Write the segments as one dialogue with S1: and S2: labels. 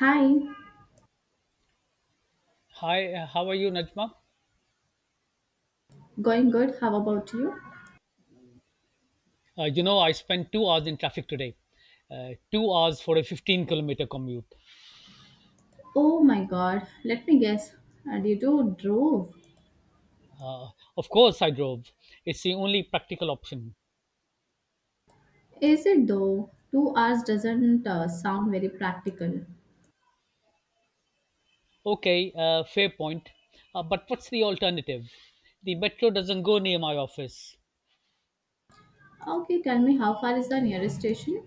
S1: Hi,
S2: Hi, how are you, Najma?
S1: going good. How about you?
S2: I spent 2 hours in traffic today. 2 hours for a 15-kilometer commute.
S1: Oh my god, let me guess. Did you drove?
S2: Uh, of course, I drove. It's the only practical option.
S1: Is it though? 2 hours doesn't sound very practical.
S2: Okay, fair point. But what's the alternative? The metro doesn't go near my office.
S1: Okay, tell me how far is the nearest station?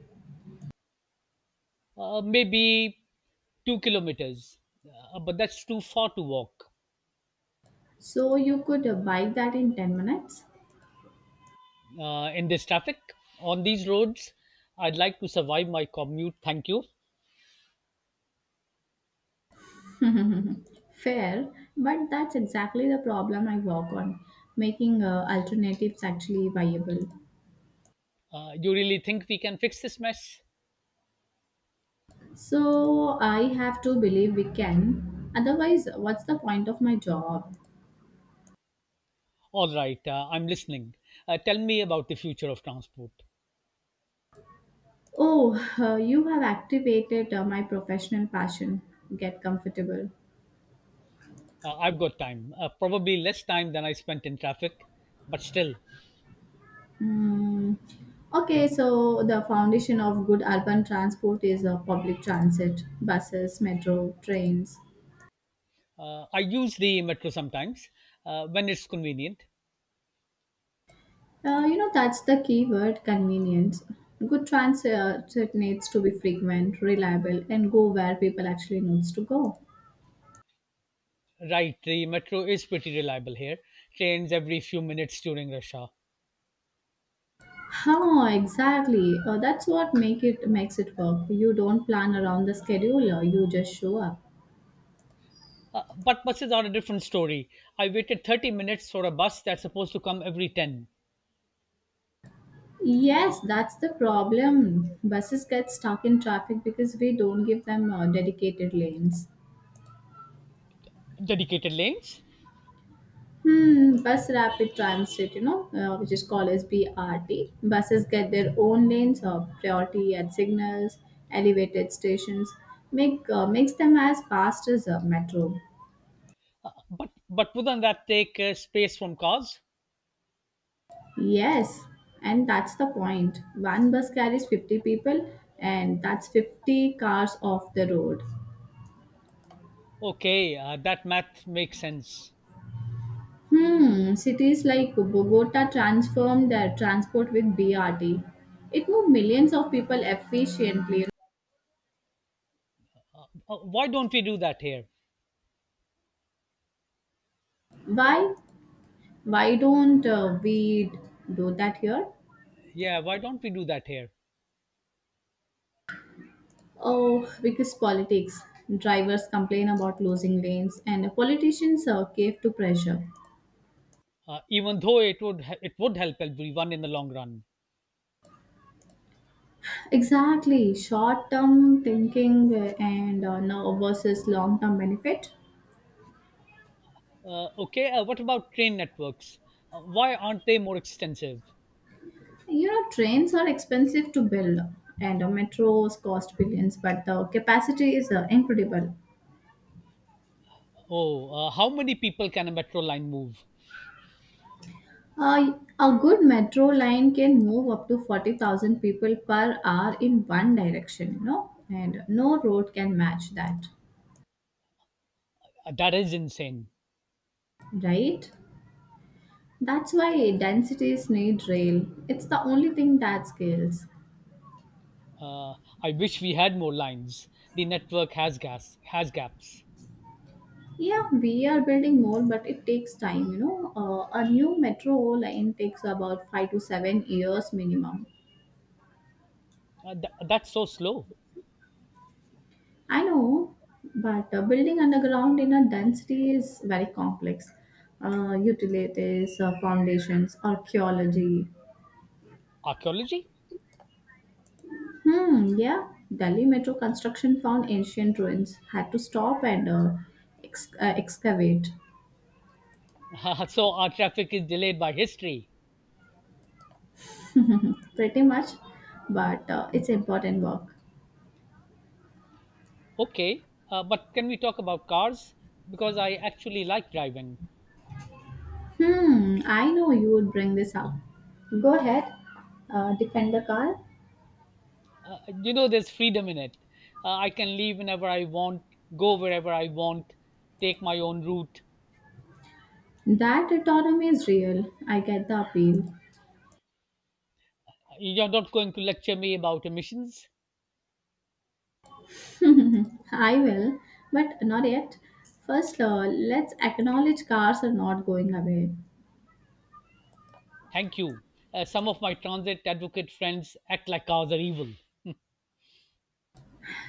S2: Maybe 2 kilometers. But that's too far to walk.
S1: So you could bike that in 10 minutes?
S2: In this traffic, on these roads, I'd like to survive my commute. Thank you.
S1: Fair, but that's exactly the problem I work on, making alternatives actually viable.
S2: You really think we can fix this mess?
S1: So I have to believe we can. Otherwise, what's the point of my job?
S2: All right, I'm listening. Tell me about the future of transport.
S1: Oh, you have activated my professional passion. Get comfortable.
S2: I've got time, probably less time than I spent in traffic, but still.
S1: Mm. Okay, so the foundation of good urban transport is public transit, buses, metro, trains.
S2: I use the metro sometimes when it's convenient.
S1: You know, that's the key word convenience. Good transit needs to be frequent, reliable, and go where people actually needs to go.
S2: Right, the metro is pretty reliable here, trains every few minutes during rush hour.
S1: How exactly? That's what makes it work. You don't plan around the schedule. You just show up.
S2: But buses are a different story. I waited 30 minutes for a bus that's supposed to come every 10.
S1: Yes, that's the problem. Buses get stuck in traffic because we don't give them dedicated lanes.
S2: Dedicated lanes.
S1: Hmm, bus rapid transit, you know, which is called as BRT. Buses get their own lanes of priority at signals, elevated stations, makes them as fast as a metro.
S2: But wouldn't that take space from cars?
S1: Yes, and that's the point. One bus carries 50 people, and that's 50 cars off the road.
S2: Okay, that math makes sense.
S1: Hmm, cities like Bogota transformed their transport with BRT. It moved millions of people efficiently.
S2: Why don't we do that here?
S1: Why? Why don't we do that here?
S2: Yeah, why don't we do that here?
S1: Oh, because politics. Drivers complain about losing lanes, and politicians cave to pressure.
S2: Even though it would help everyone in the long run.
S1: Exactly, short-term thinking and no versus long-term benefit.
S2: Okay, what about train networks? Why aren't they more extensive?
S1: You know, trains are expensive to build, and metros cost billions, but the capacity is incredible.
S2: Oh, how many people can a metro line move?
S1: A good metro line can move up to 40,000 people per hour in one direction, you know, and no road can match that,
S2: That is insane.
S1: right? That's why densities need rail. It's the only thing that scales.
S2: Uh, I wish we had more lines. The network has gaps.
S1: Yeah, we are building more, but it takes time, you know. A new metro line takes about 5 to 7 years minimum.
S2: That's so slow.
S1: I know, but building underground in a density is very complex. Utilities, foundations, archaeology.
S2: Archaeology?
S1: Hmm, yeah. Delhi metro construction found ancient ruins, had to stop and excavate.
S2: So our traffic is delayed by history.
S1: Pretty much, but it's important work.
S2: Okay, but can we talk about cars? Because I actually like driving.
S1: Hmm, I know you would bring this up. Go ahead, defend the car.
S2: There's freedom in it. I can leave whenever I want, go wherever I want, take my own route.
S1: That autonomy is real. I get the appeal.
S2: You're not going to lecture me about emissions.
S1: I will, but not yet. First, let's acknowledge cars are not going away.
S2: Thank you. Some of my transit advocate friends act like cars are evil.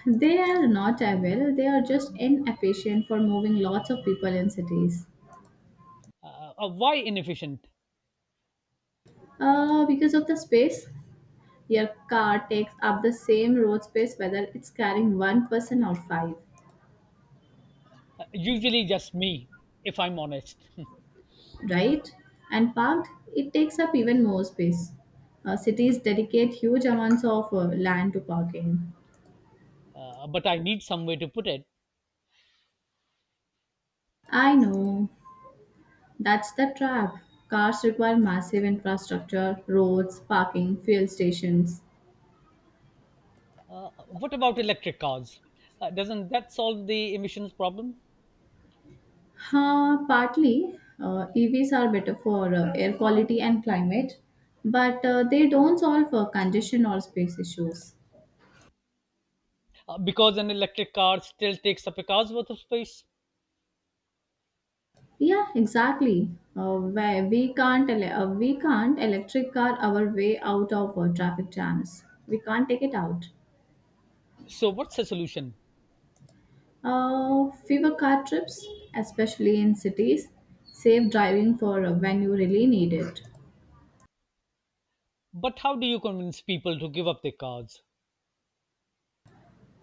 S1: They are not away, they are just inefficient for moving lots of people in cities.
S2: Why inefficient?
S1: Because of the space, your car takes up the same road space whether it's carrying one person or five,
S2: Usually just me, if I'm honest.
S1: right? And parked, it takes up even more space. Cities dedicate huge amounts of land to parking.
S2: But I need some way to put it.
S1: I know. That's the trap. Cars require massive infrastructure, roads, parking, fuel stations.
S2: What about electric cars? Doesn't that solve the emissions problem?
S1: Huh, partly, EVs are better for air quality and climate, but they don't solve congestion or space issues.
S2: Because an electric car still takes up a car's worth of space.
S1: Yeah, exactly. Where we can't ele- We can't electric car our way out of traffic jams. We can't take it out.
S2: So, what's the solution?
S1: Fewer car trips, especially in cities, safe driving for when you really need it.
S2: But how do you convince people to give up their cars?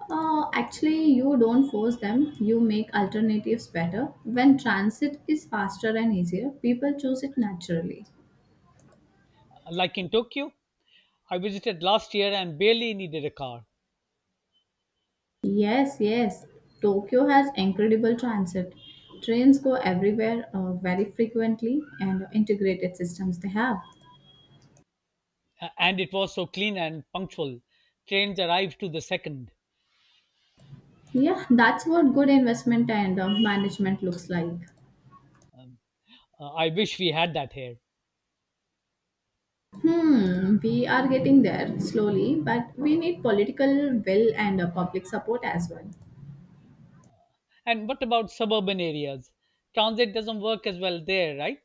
S1: Actually, you don't force them, you make alternatives better. When transit is faster and easier, people choose it naturally.
S2: Like in Tokyo, I visited last year and barely needed a car.
S1: Yes, yes, Tokyo has incredible transit. Trains go everywhere very frequently and integrated systems they have.
S2: And it was so clean and punctual. Trains arrived to the second.
S1: Yeah, that's what good investment and management looks like.
S2: Um, I wish we had that here.
S1: Hmm, we are getting there slowly, but we need political will and public support as well.
S2: And what about suburban areas? Transit doesn't work as well there, right?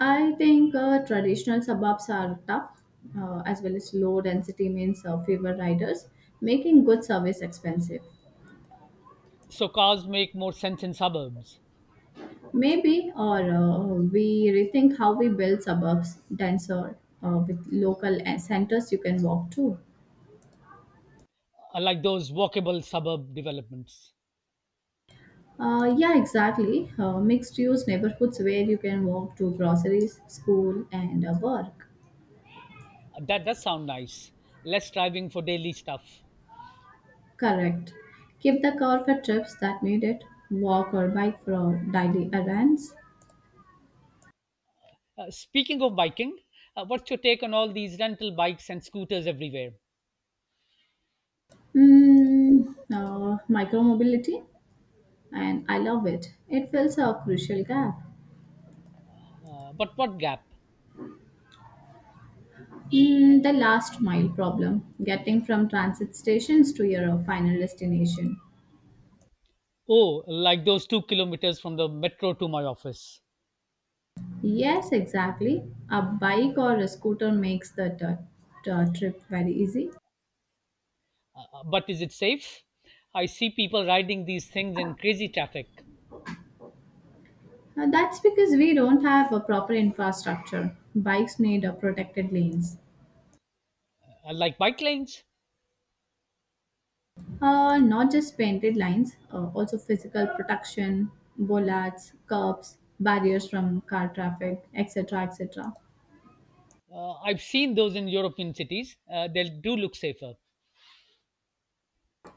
S1: I think traditional suburbs are tough, as well as low density means fewer riders, making good service expensive.
S2: So, cars make more sense in suburbs.
S1: Maybe, or we rethink how we build suburbs denser with local centers you can walk to.
S2: Like those walkable suburb developments.
S1: Yeah, exactly. Mixed use neighborhoods where you can walk to groceries, school, and work.
S2: That does sound nice. Less driving for daily stuff.
S1: Correct. Keep the car for trips that need it, walk or bike for daily errands.
S2: Speaking of biking, what's your take on all these rental bikes and scooters everywhere?
S1: Mm, Micromobility, and I love it. It fills a crucial gap.
S2: But what gap?
S1: Mm, the last mile problem, getting from transit stations to your final destination.
S2: Oh, like those 2 kilometers from the metro to my office.
S1: Yes, exactly. A bike or a scooter makes the trip very easy.
S2: But is it safe? I see people riding these things in crazy traffic.
S1: That's because we don't have a proper infrastructure. Bikes need a protected lanes.
S2: Like bike lanes.
S1: Not just painted lines, also physical protection, bollards, curbs, barriers from car traffic, etc. etc.
S2: I've seen those in European cities. They do look safer.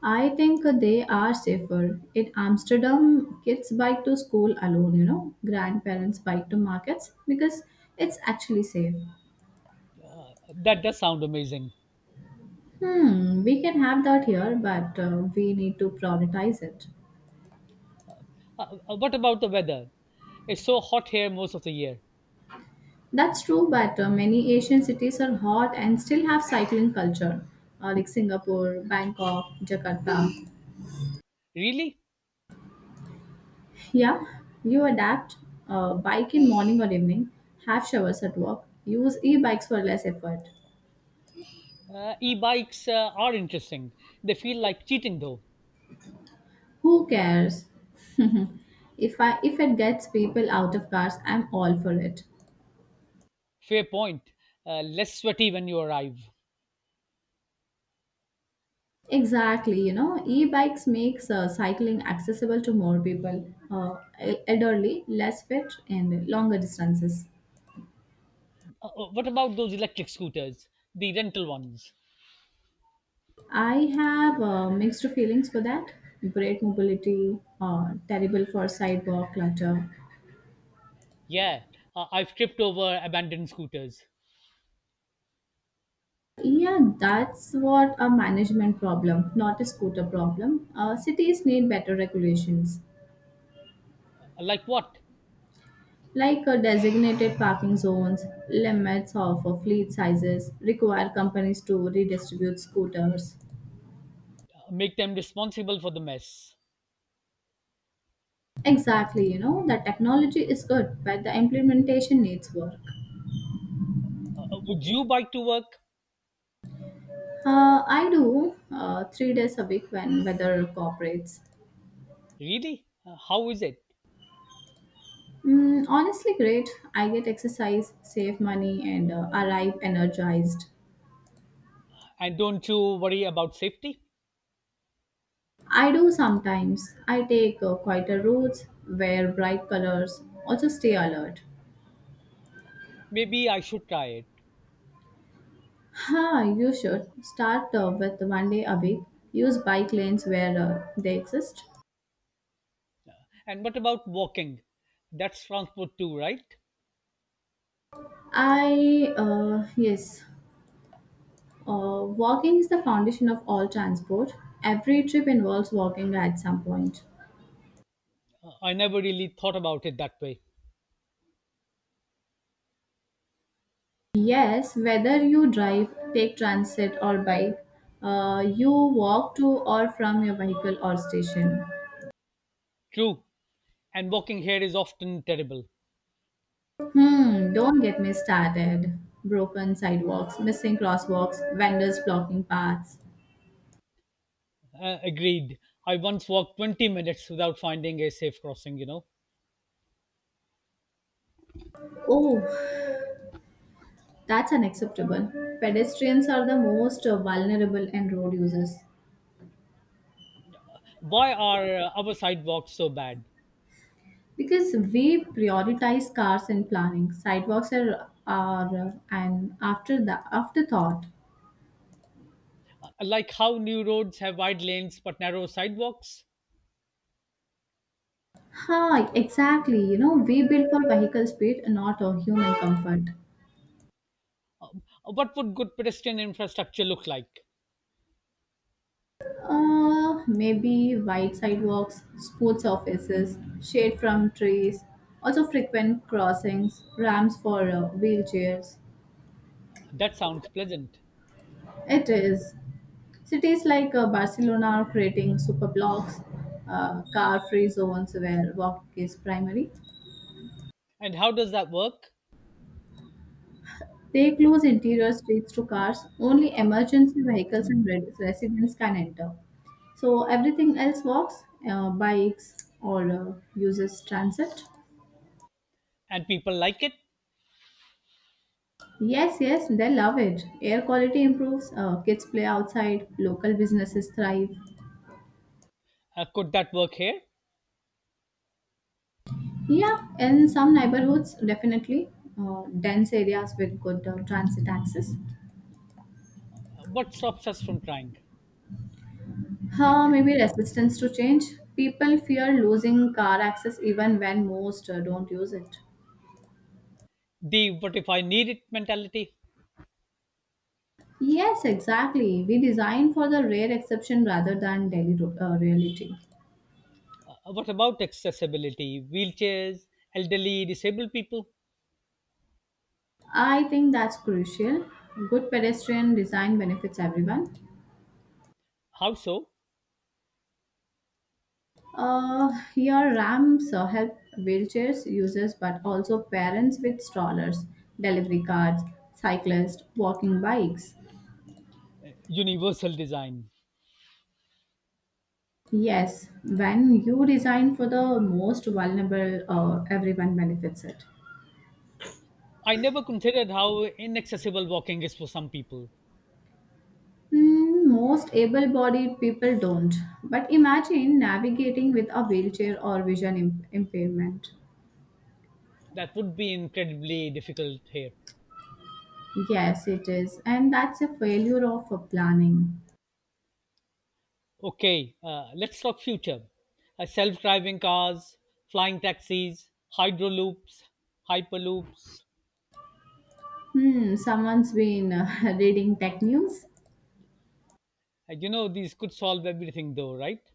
S1: I think they are safer. In Amsterdam, kids bike to school alone, you know, grandparents bike to markets because it's actually safe.
S2: That does sound amazing.
S1: Hmm, we can have that here, but we need to prioritize it.
S2: What about the weather? It's so hot here most of the year.
S1: That's true, but many Asian cities are hot and still have cycling culture, like Singapore, Bangkok, Jakarta.
S2: Really?
S1: Yeah, you adapt, bike in morning or evening, have showers at work, use e-bikes for less effort.
S2: E-bikes are interesting. They feel like cheating, though.
S1: Who cares? If it gets people out of cars, I'm all for it.
S2: Fair point. Less sweaty when you arrive.
S1: Exactly, you know, e-bikes makes cycling accessible to more people, elderly, less fit, and longer distances.
S2: What about those electric scooters, the rental ones?
S1: I have mixed feelings for that. Great mobility, terrible for sidewalk clutter.
S2: Yeah, I've tripped over abandoned scooters.
S1: Yeah, that's what a management problem, not a scooter problem. Cities need better regulations,
S2: Like what?
S1: like designated parking zones, limits of fleet sizes, require companies to redistribute scooters.
S2: Make them responsible for the mess.
S1: Exactly, you know, the technology is good, but the implementation needs work.
S2: Would you bike to work?
S1: I do 3 days a week when weather cooperates.
S2: Really? How is it?
S1: Mm, honestly, great. I get exercise, save money, and arrive energized.
S2: And don't you worry about safety?
S1: I do sometimes. I take quieter roads, wear bright colors, also stay alert.
S2: Maybe I should try it.
S1: Ha, you should start with one day a week. Use bike lanes where they exist.
S2: And what about walking? That's transport too, right?
S1: Yes, walking is the foundation of all transport. Every trip involves walking at some point.
S2: I never really thought about it that way.
S1: Yes, whether you drive, take transit, or bike, you walk to or from your vehicle or station.
S2: True. And walking here is often terrible.
S1: Hmm, don't get me started. Broken sidewalks, missing crosswalks, vendors blocking paths.
S2: Agreed. I once walked 20 minutes without finding a safe crossing.
S1: Oh, that's unacceptable. Pedestrians are the most vulnerable and road users.
S2: Why are our sidewalks so bad?
S1: Because we prioritize cars in planning, sidewalks are an afterthought.
S2: Like how new roads have wide lanes but narrow sidewalks?
S1: Hi, exactly. You know, we build for vehicle speed, not human comfort.
S2: What would good pedestrian infrastructure look like?
S1: Maybe wide sidewalks, sports offices, shade from trees, also frequent crossings, ramps for wheelchairs.
S2: That sounds pleasant.
S1: It is. Cities like Barcelona are creating super blocks, car free zones where walk is primary.
S2: And how does that work?
S1: They close interior streets to cars, only emergency vehicles and residents can enter. So everything else walks, bikes, or uses transit.
S2: And people like it?
S1: Yes, yes, they love it. Air quality improves, kids play outside, local businesses thrive.
S2: Could that work here?
S1: Yeah, in some neighborhoods, definitely. Dense areas with good transit access.
S2: What stops us from trying?
S1: Maybe resistance to change. People fear losing car access even when most don't use it.
S2: The what if I need it mentality?
S1: Yes, exactly. We design for the rare exception rather than daily reality.
S2: What about accessibility? Wheelchairs, elderly, disabled people?
S1: I think that's crucial. Good pedestrian design benefits everyone.
S2: How so?
S1: Here, ramps help wheelchairs users, but also parents with strollers, delivery carts, cyclists, walking bikes.
S2: Universal design.
S1: Yes, when you design for the most vulnerable, everyone benefits it.
S2: I never considered how inaccessible walking is for some people.
S1: Mm, most able-bodied people don't. But imagine navigating with a wheelchair or vision impairment.
S2: That would be incredibly difficult here.
S1: Yes, it is, and that's a failure of planning.
S2: Okay, let's talk future. Self driving cars, flying taxis, hydroloops, hyperloops.
S1: Hmm, someone's been reading tech news.
S2: These could solve everything though, right?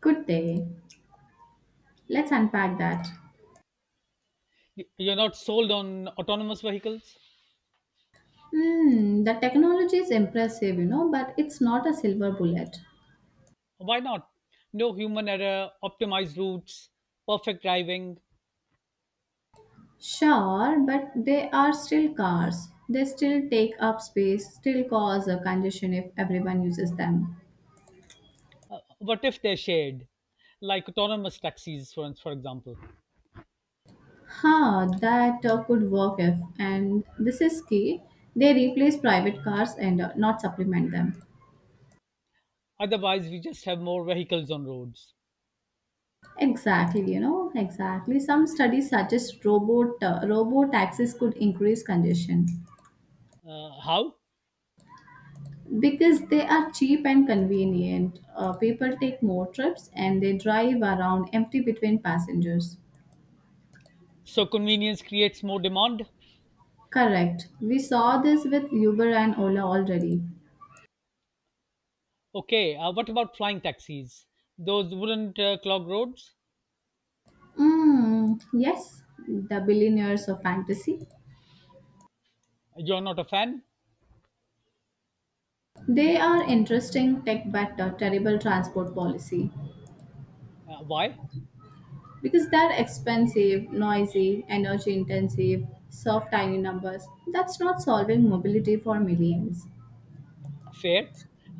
S1: Good day. Let's unpack that.
S2: You're not sold on autonomous vehicles?
S1: Hmm, the technology is impressive, you know, but it's not a silver bullet.
S2: Why not? No human error, optimized routes, perfect driving.
S1: Sure, but they are still cars. They still take up space, still cause a congestion if everyone uses them.
S2: What if they're shared, like autonomous taxis, for example?
S1: Huh, that could work if, and this is key, they replace private cars and not supplement them.
S2: Otherwise, we just have more vehicles on roads.
S1: Exactly, you know, exactly. Some studies suggest robo taxis could increase congestion.
S2: How?
S1: Because they are cheap and convenient. People take more trips and they drive around empty between passengers.
S2: So convenience creates more demand?
S1: Correct. We saw this with Uber and Ola already.
S2: Okay, what about flying taxis? Those wouldn't clog roads?
S1: Mm, yes, the billionaires of fantasy.
S2: You're not a fan?
S1: They are interesting tech but terrible transport policy
S2: Why?
S1: because they're expensive, noisy, energy intensive, serve tiny numbers. That's not solving mobility for millions.
S2: Fair.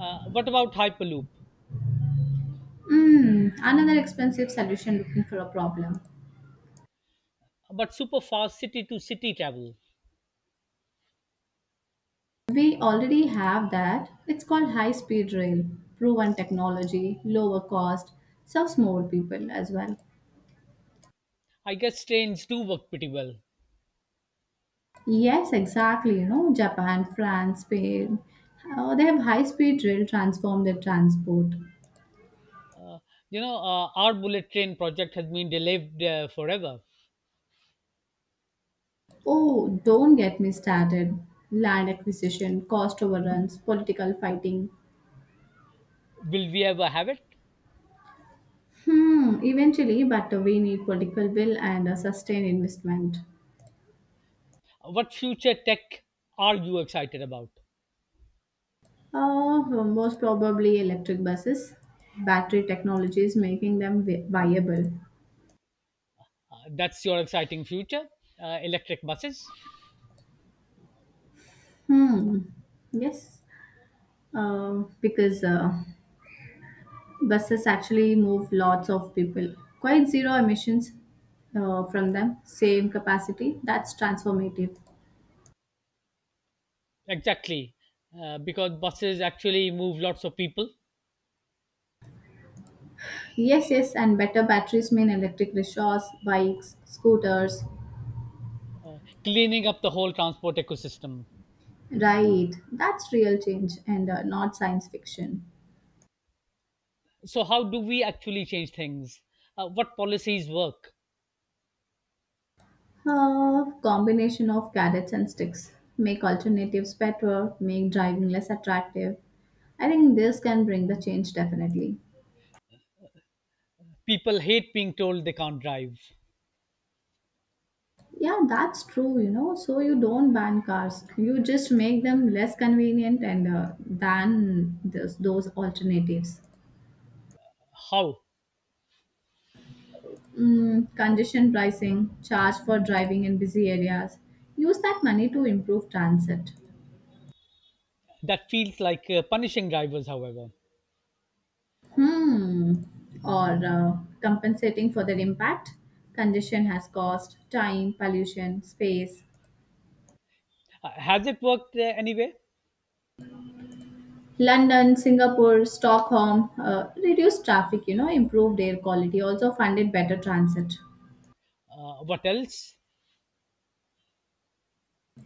S2: What about Hyperloop?
S1: Mm, another expensive solution looking for a problem.
S2: But super fast city to city travel.
S1: We already have that. It's called high speed rail. Proven technology, lower cost, serves more people as well.
S2: I guess trains do work pretty well.
S1: Yes, exactly. You know, Japan, France, Spain, they have high speed rail transform their transport.
S2: You know, our bullet train project has been delayed forever.
S1: Oh, don't get me started. Land acquisition, cost overruns, political fighting.
S2: Will we ever have it?
S1: Hmm, eventually, but we need political will and a sustained investment.
S2: What future tech are you excited about?
S1: Most probably electric buses. Battery technology is making them viable.
S2: That's your exciting future. Electric buses.
S1: Hmm. Yes. Because buses actually move lots of people. Quite zero emissions from them. Same capacity. That's transformative.
S2: Exactly. Because buses actually move lots of people,
S1: Yes, yes. And better batteries mean electric rickshaws, bikes, scooters.
S2: cleaning up the whole transport ecosystem.
S1: Right. That's real change and not science fiction.
S2: So, how do we actually change things? What policies work?
S1: A combination of carrots and sticks make alternatives better, make driving less attractive. I think this can bring the change definitely.
S2: People hate being told they can't drive.
S1: Yeah, that's true, So you don't ban cars, you just make them less convenient and than this, those alternatives.
S2: How?
S1: Congestion pricing, charge for driving in busy areas. Use that money to improve transit.
S2: That feels like punishing drivers, however.
S1: hmm, or compensating for their impact. Congestion has caused time, pollution, space.
S2: Has it worked anyway?
S1: London, Singapore, Stockholm reduced traffic, improved air quality, also funded better transit.
S2: What else?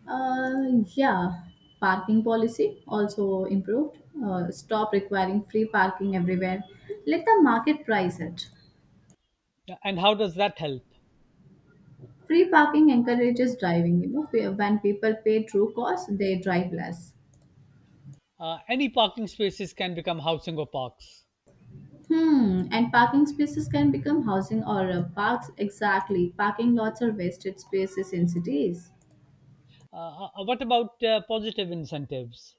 S1: Uh, yeah, Parking policy also improved. Stop requiring free parking everywhere. Let the market price it.
S2: And how does that help?
S1: Free parking encourages driving when people pay true cost, they drive less.
S2: Any parking spaces can become housing or parks.
S1: Hmm, and parking spaces can become housing or parks. Exactly. Parking lots are wasted spaces in cities.
S2: What about positive incentives?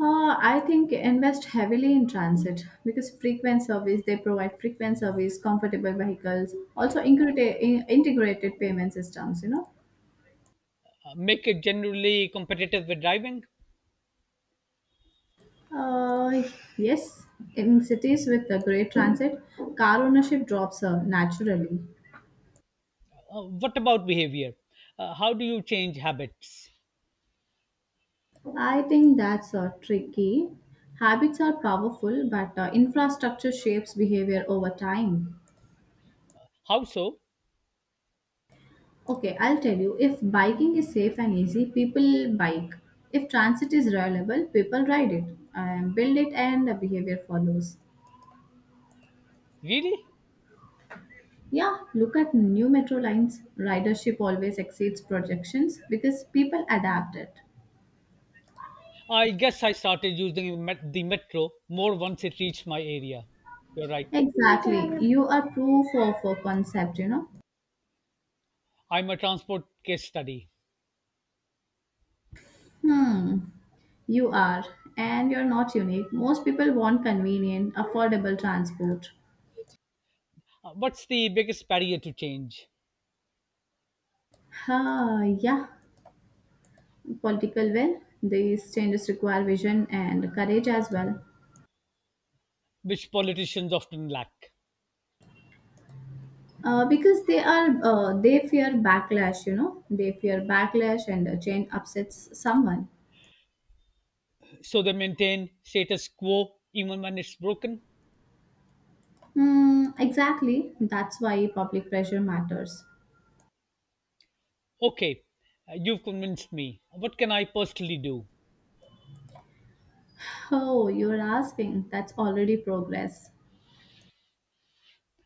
S1: I think invest heavily in transit because they provide frequent service, comfortable vehicles, also integrated payment systems,
S2: Make it generally competitive with driving?
S1: Uh, yes, in cities with a great transit, car ownership drops naturally.
S2: What about behavior? How do you change habits?
S1: I think that's tricky. Habits are powerful, but infrastructure shapes behavior over time.
S2: How so?
S1: Okay, I'll tell you if biking is safe and easy, people bike. If transit is reliable, people ride it and build it, and the behavior follows.
S2: Really?
S1: Yeah, look at new metro lines. Ridership always exceeds projections because people adapt it.
S2: I guess I started using the metro more once it reached my area. You're right.
S1: Exactly. You are proof of a concept,
S2: I'm a transport case study.
S1: Hmm, you are, and you're not unique. Most people want convenient, affordable transport.
S2: What's the biggest barrier to change,
S1: Ah, yeah, political will. These changes require vision and courage as well.
S2: which politicians often lack?
S1: Because they fear backlash. You know, they fear backlash, and a change upsets someone.
S2: So they maintain status quo even when it's broken?
S1: Hmm, exactly. That's why public pressure matters.
S2: Okay, you've convinced me. What can I personally do?
S1: Oh, you're asking. That's already progress.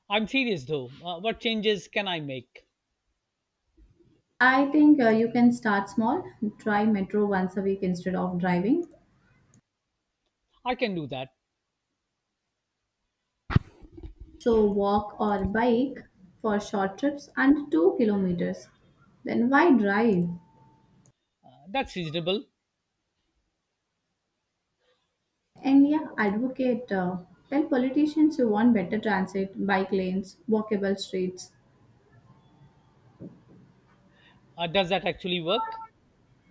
S2: I'm serious though. What changes can I make?
S1: I think you can start small. Try metro once a week instead of driving.
S2: I can do that.
S1: So walk or bike for short trips and 2 kilometers. Then why drive?
S2: That's reasonable.
S1: And yeah, advocate. Tell politicians you want better transit, bike lanes, walkable streets.
S2: Does that actually work?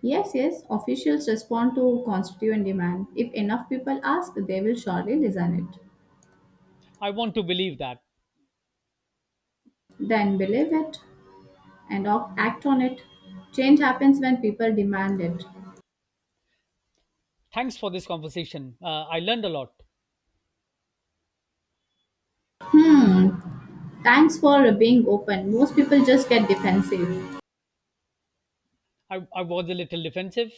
S1: Yes, yes, officials respond to constituent demand. If enough people ask, they will surely listen it.
S2: I want to believe that.
S1: Then believe it and act on it. Change happens when people demand it.
S2: Thanks for this conversation. I learned a lot.
S1: Hmm, thanks for being open. Most people just get defensive.
S2: I was a little defensive.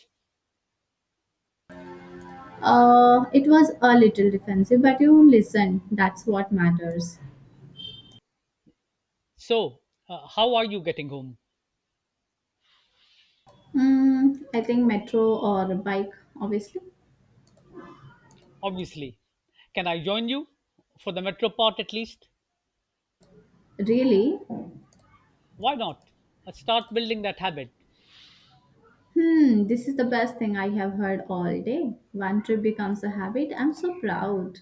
S1: It was a little defensive, but you listen. That's what matters.
S2: So, how are you getting home?
S1: Hmm. I think metro or bike, obviously.
S2: Obviously. Can I join you? For the metro part at least?
S1: Really?
S2: Why not? Start building that habit.
S1: Hmm, this is the best thing I have heard all day. One trip becomes a habit. I'm so proud.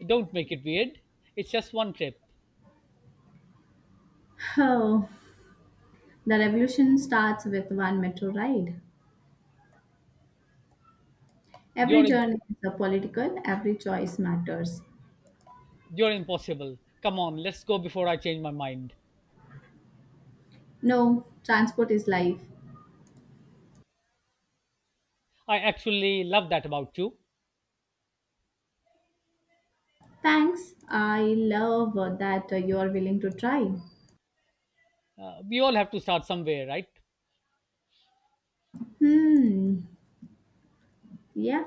S2: Don't make it weird. It's just one trip.
S1: Oh, the revolution starts with one metro ride. Every
S2: You're
S1: journey is a political, every choice matters.
S2: You're impossible. Come on, let's go before I change my mind.
S1: No, transport is life.
S2: I actually love that about you.
S1: Thanks. I love that you are willing to try.
S2: We all have to start somewhere, right?
S1: Hmm. Yeah.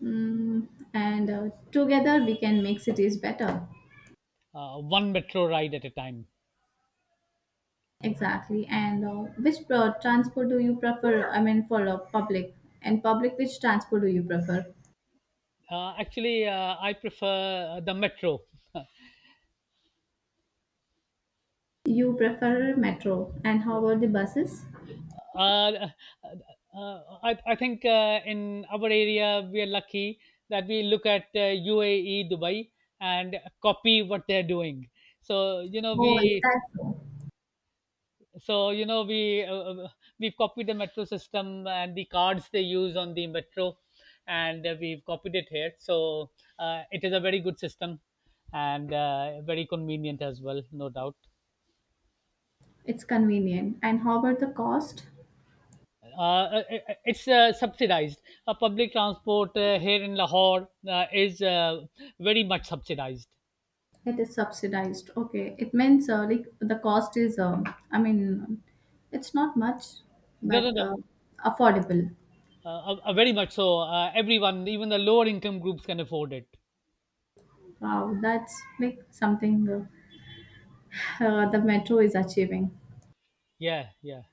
S1: Hmm. And together we can make cities better.
S2: One metro ride at a time.
S1: Exactly. And which transport do you prefer? I mean, for public, which transport do you prefer?
S2: Actually, I prefer the metro.
S1: You prefer metro. And how about the buses?
S2: Uh, uh, I think in our area, we are lucky that we look at UAE, Dubai, and copy what they're doing. So, you know,
S1: Oh, is that so?
S2: so you know we uh, uh, we've copied the metro system and the cards they use on the metro, and we've copied it here, so it is a very good system, and very convenient as well, no doubt
S1: It's convenient. And how about the cost?
S2: uh, uh, uh, it's subsidized public transport here in Lahore is very much subsidized.
S1: It is subsidized. Okay. It means like the cost is, I mean, it's not much,
S2: No, no,
S1: but
S2: no.
S1: affordable.
S2: Very much so, everyone even the lower income groups can afford it.
S1: Wow, that's like something the metro is achieving.
S2: Yeah, yeah.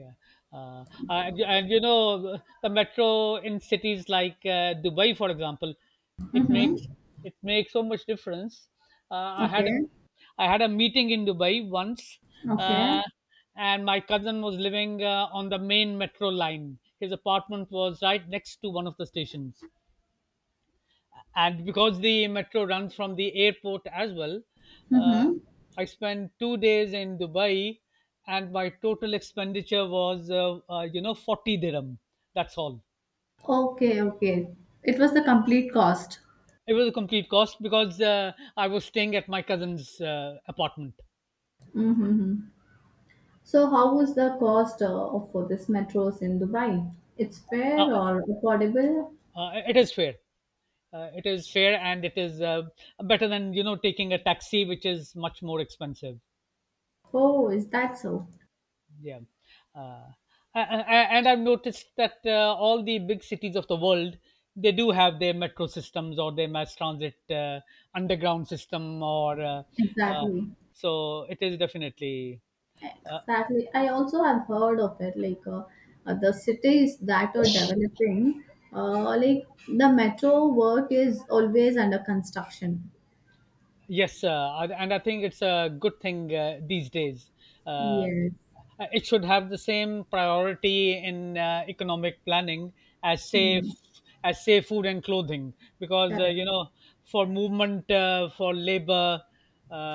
S2: Yeah, and you know the metro in cities like Dubai, for example, it
S1: Mm-hmm.
S2: makes it makes so much difference. Uh, I had a,
S1: Okay.
S2: I had a meeting in Dubai once,
S1: Okay.
S2: uh, and my cousin was living on the main metro line. His apartment was right next to one of the stations, and because the metro runs from the airport as well, uh,
S1: Mm-hmm.
S2: I spent 2 days in Dubai, and my total expenditure was 40 dirham. That's all.
S1: Okay. Okay. It was the complete cost.
S2: It was a complete cost because I was staying at my cousin's apartment.
S1: Mm-hmm. So, how was the cost of for this metros in Dubai? It's
S2: uh,
S1: fair or affordable?
S2: it is fair. It is fair, and it is better than taking a taxi, which is much more expensive.
S1: Oh, is that so?
S2: Yeah. Uh, a- a- and I've noticed that all the big cities of the world, they do have their metro systems or their mass transit underground system, or uh,
S1: Exactly.
S2: so it is definitely uh,
S1: Exactly. I also have heard of it. Like the cities that are developing, like the metro work is always under construction.
S2: Yes, and I think it's a good thing these days. Uh,
S1: Yes.
S2: it should have the same priority in economic planning as
S1: Hmm.
S2: say food and clothing, because
S1: Correct.
S2: for movement, for labor,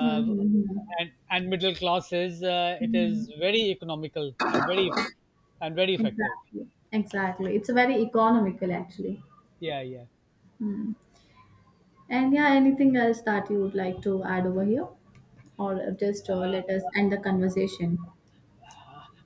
S1: Mm-hmm. Hmm hmm.
S2: and middle classes, it is
S1: Hmm.
S2: very economical and very effective.
S1: Exactly. Exactly. It's very economical, actually.
S2: Yeah, yeah.
S1: Hmm. And yeah, anything else that you would like to add over here, or just let us end the conversation?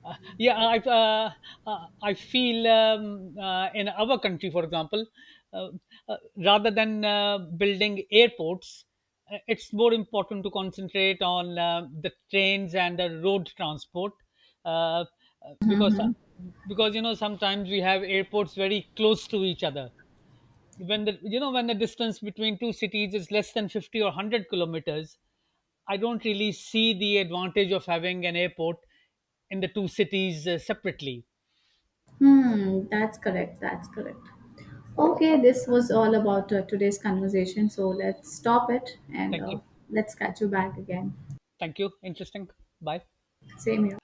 S2: Yeah, I feel in our country, for example, uh, rather than building airports, it's more important to concentrate on the trains and the road transport. uh, uh, because because sometimes we have airports very close to each other. When the distance between two cities is less than 50 or 100 kilometers, I don't really see the advantage of having an airport in the two cities separately.
S1: Hmm. That's correct. That's correct. Okay, this was all about today's conversation. So let's stop it and
S2: Thank you.
S1: let's catch you back again.
S2: Thank you. Interesting. Bye.
S1: Same here.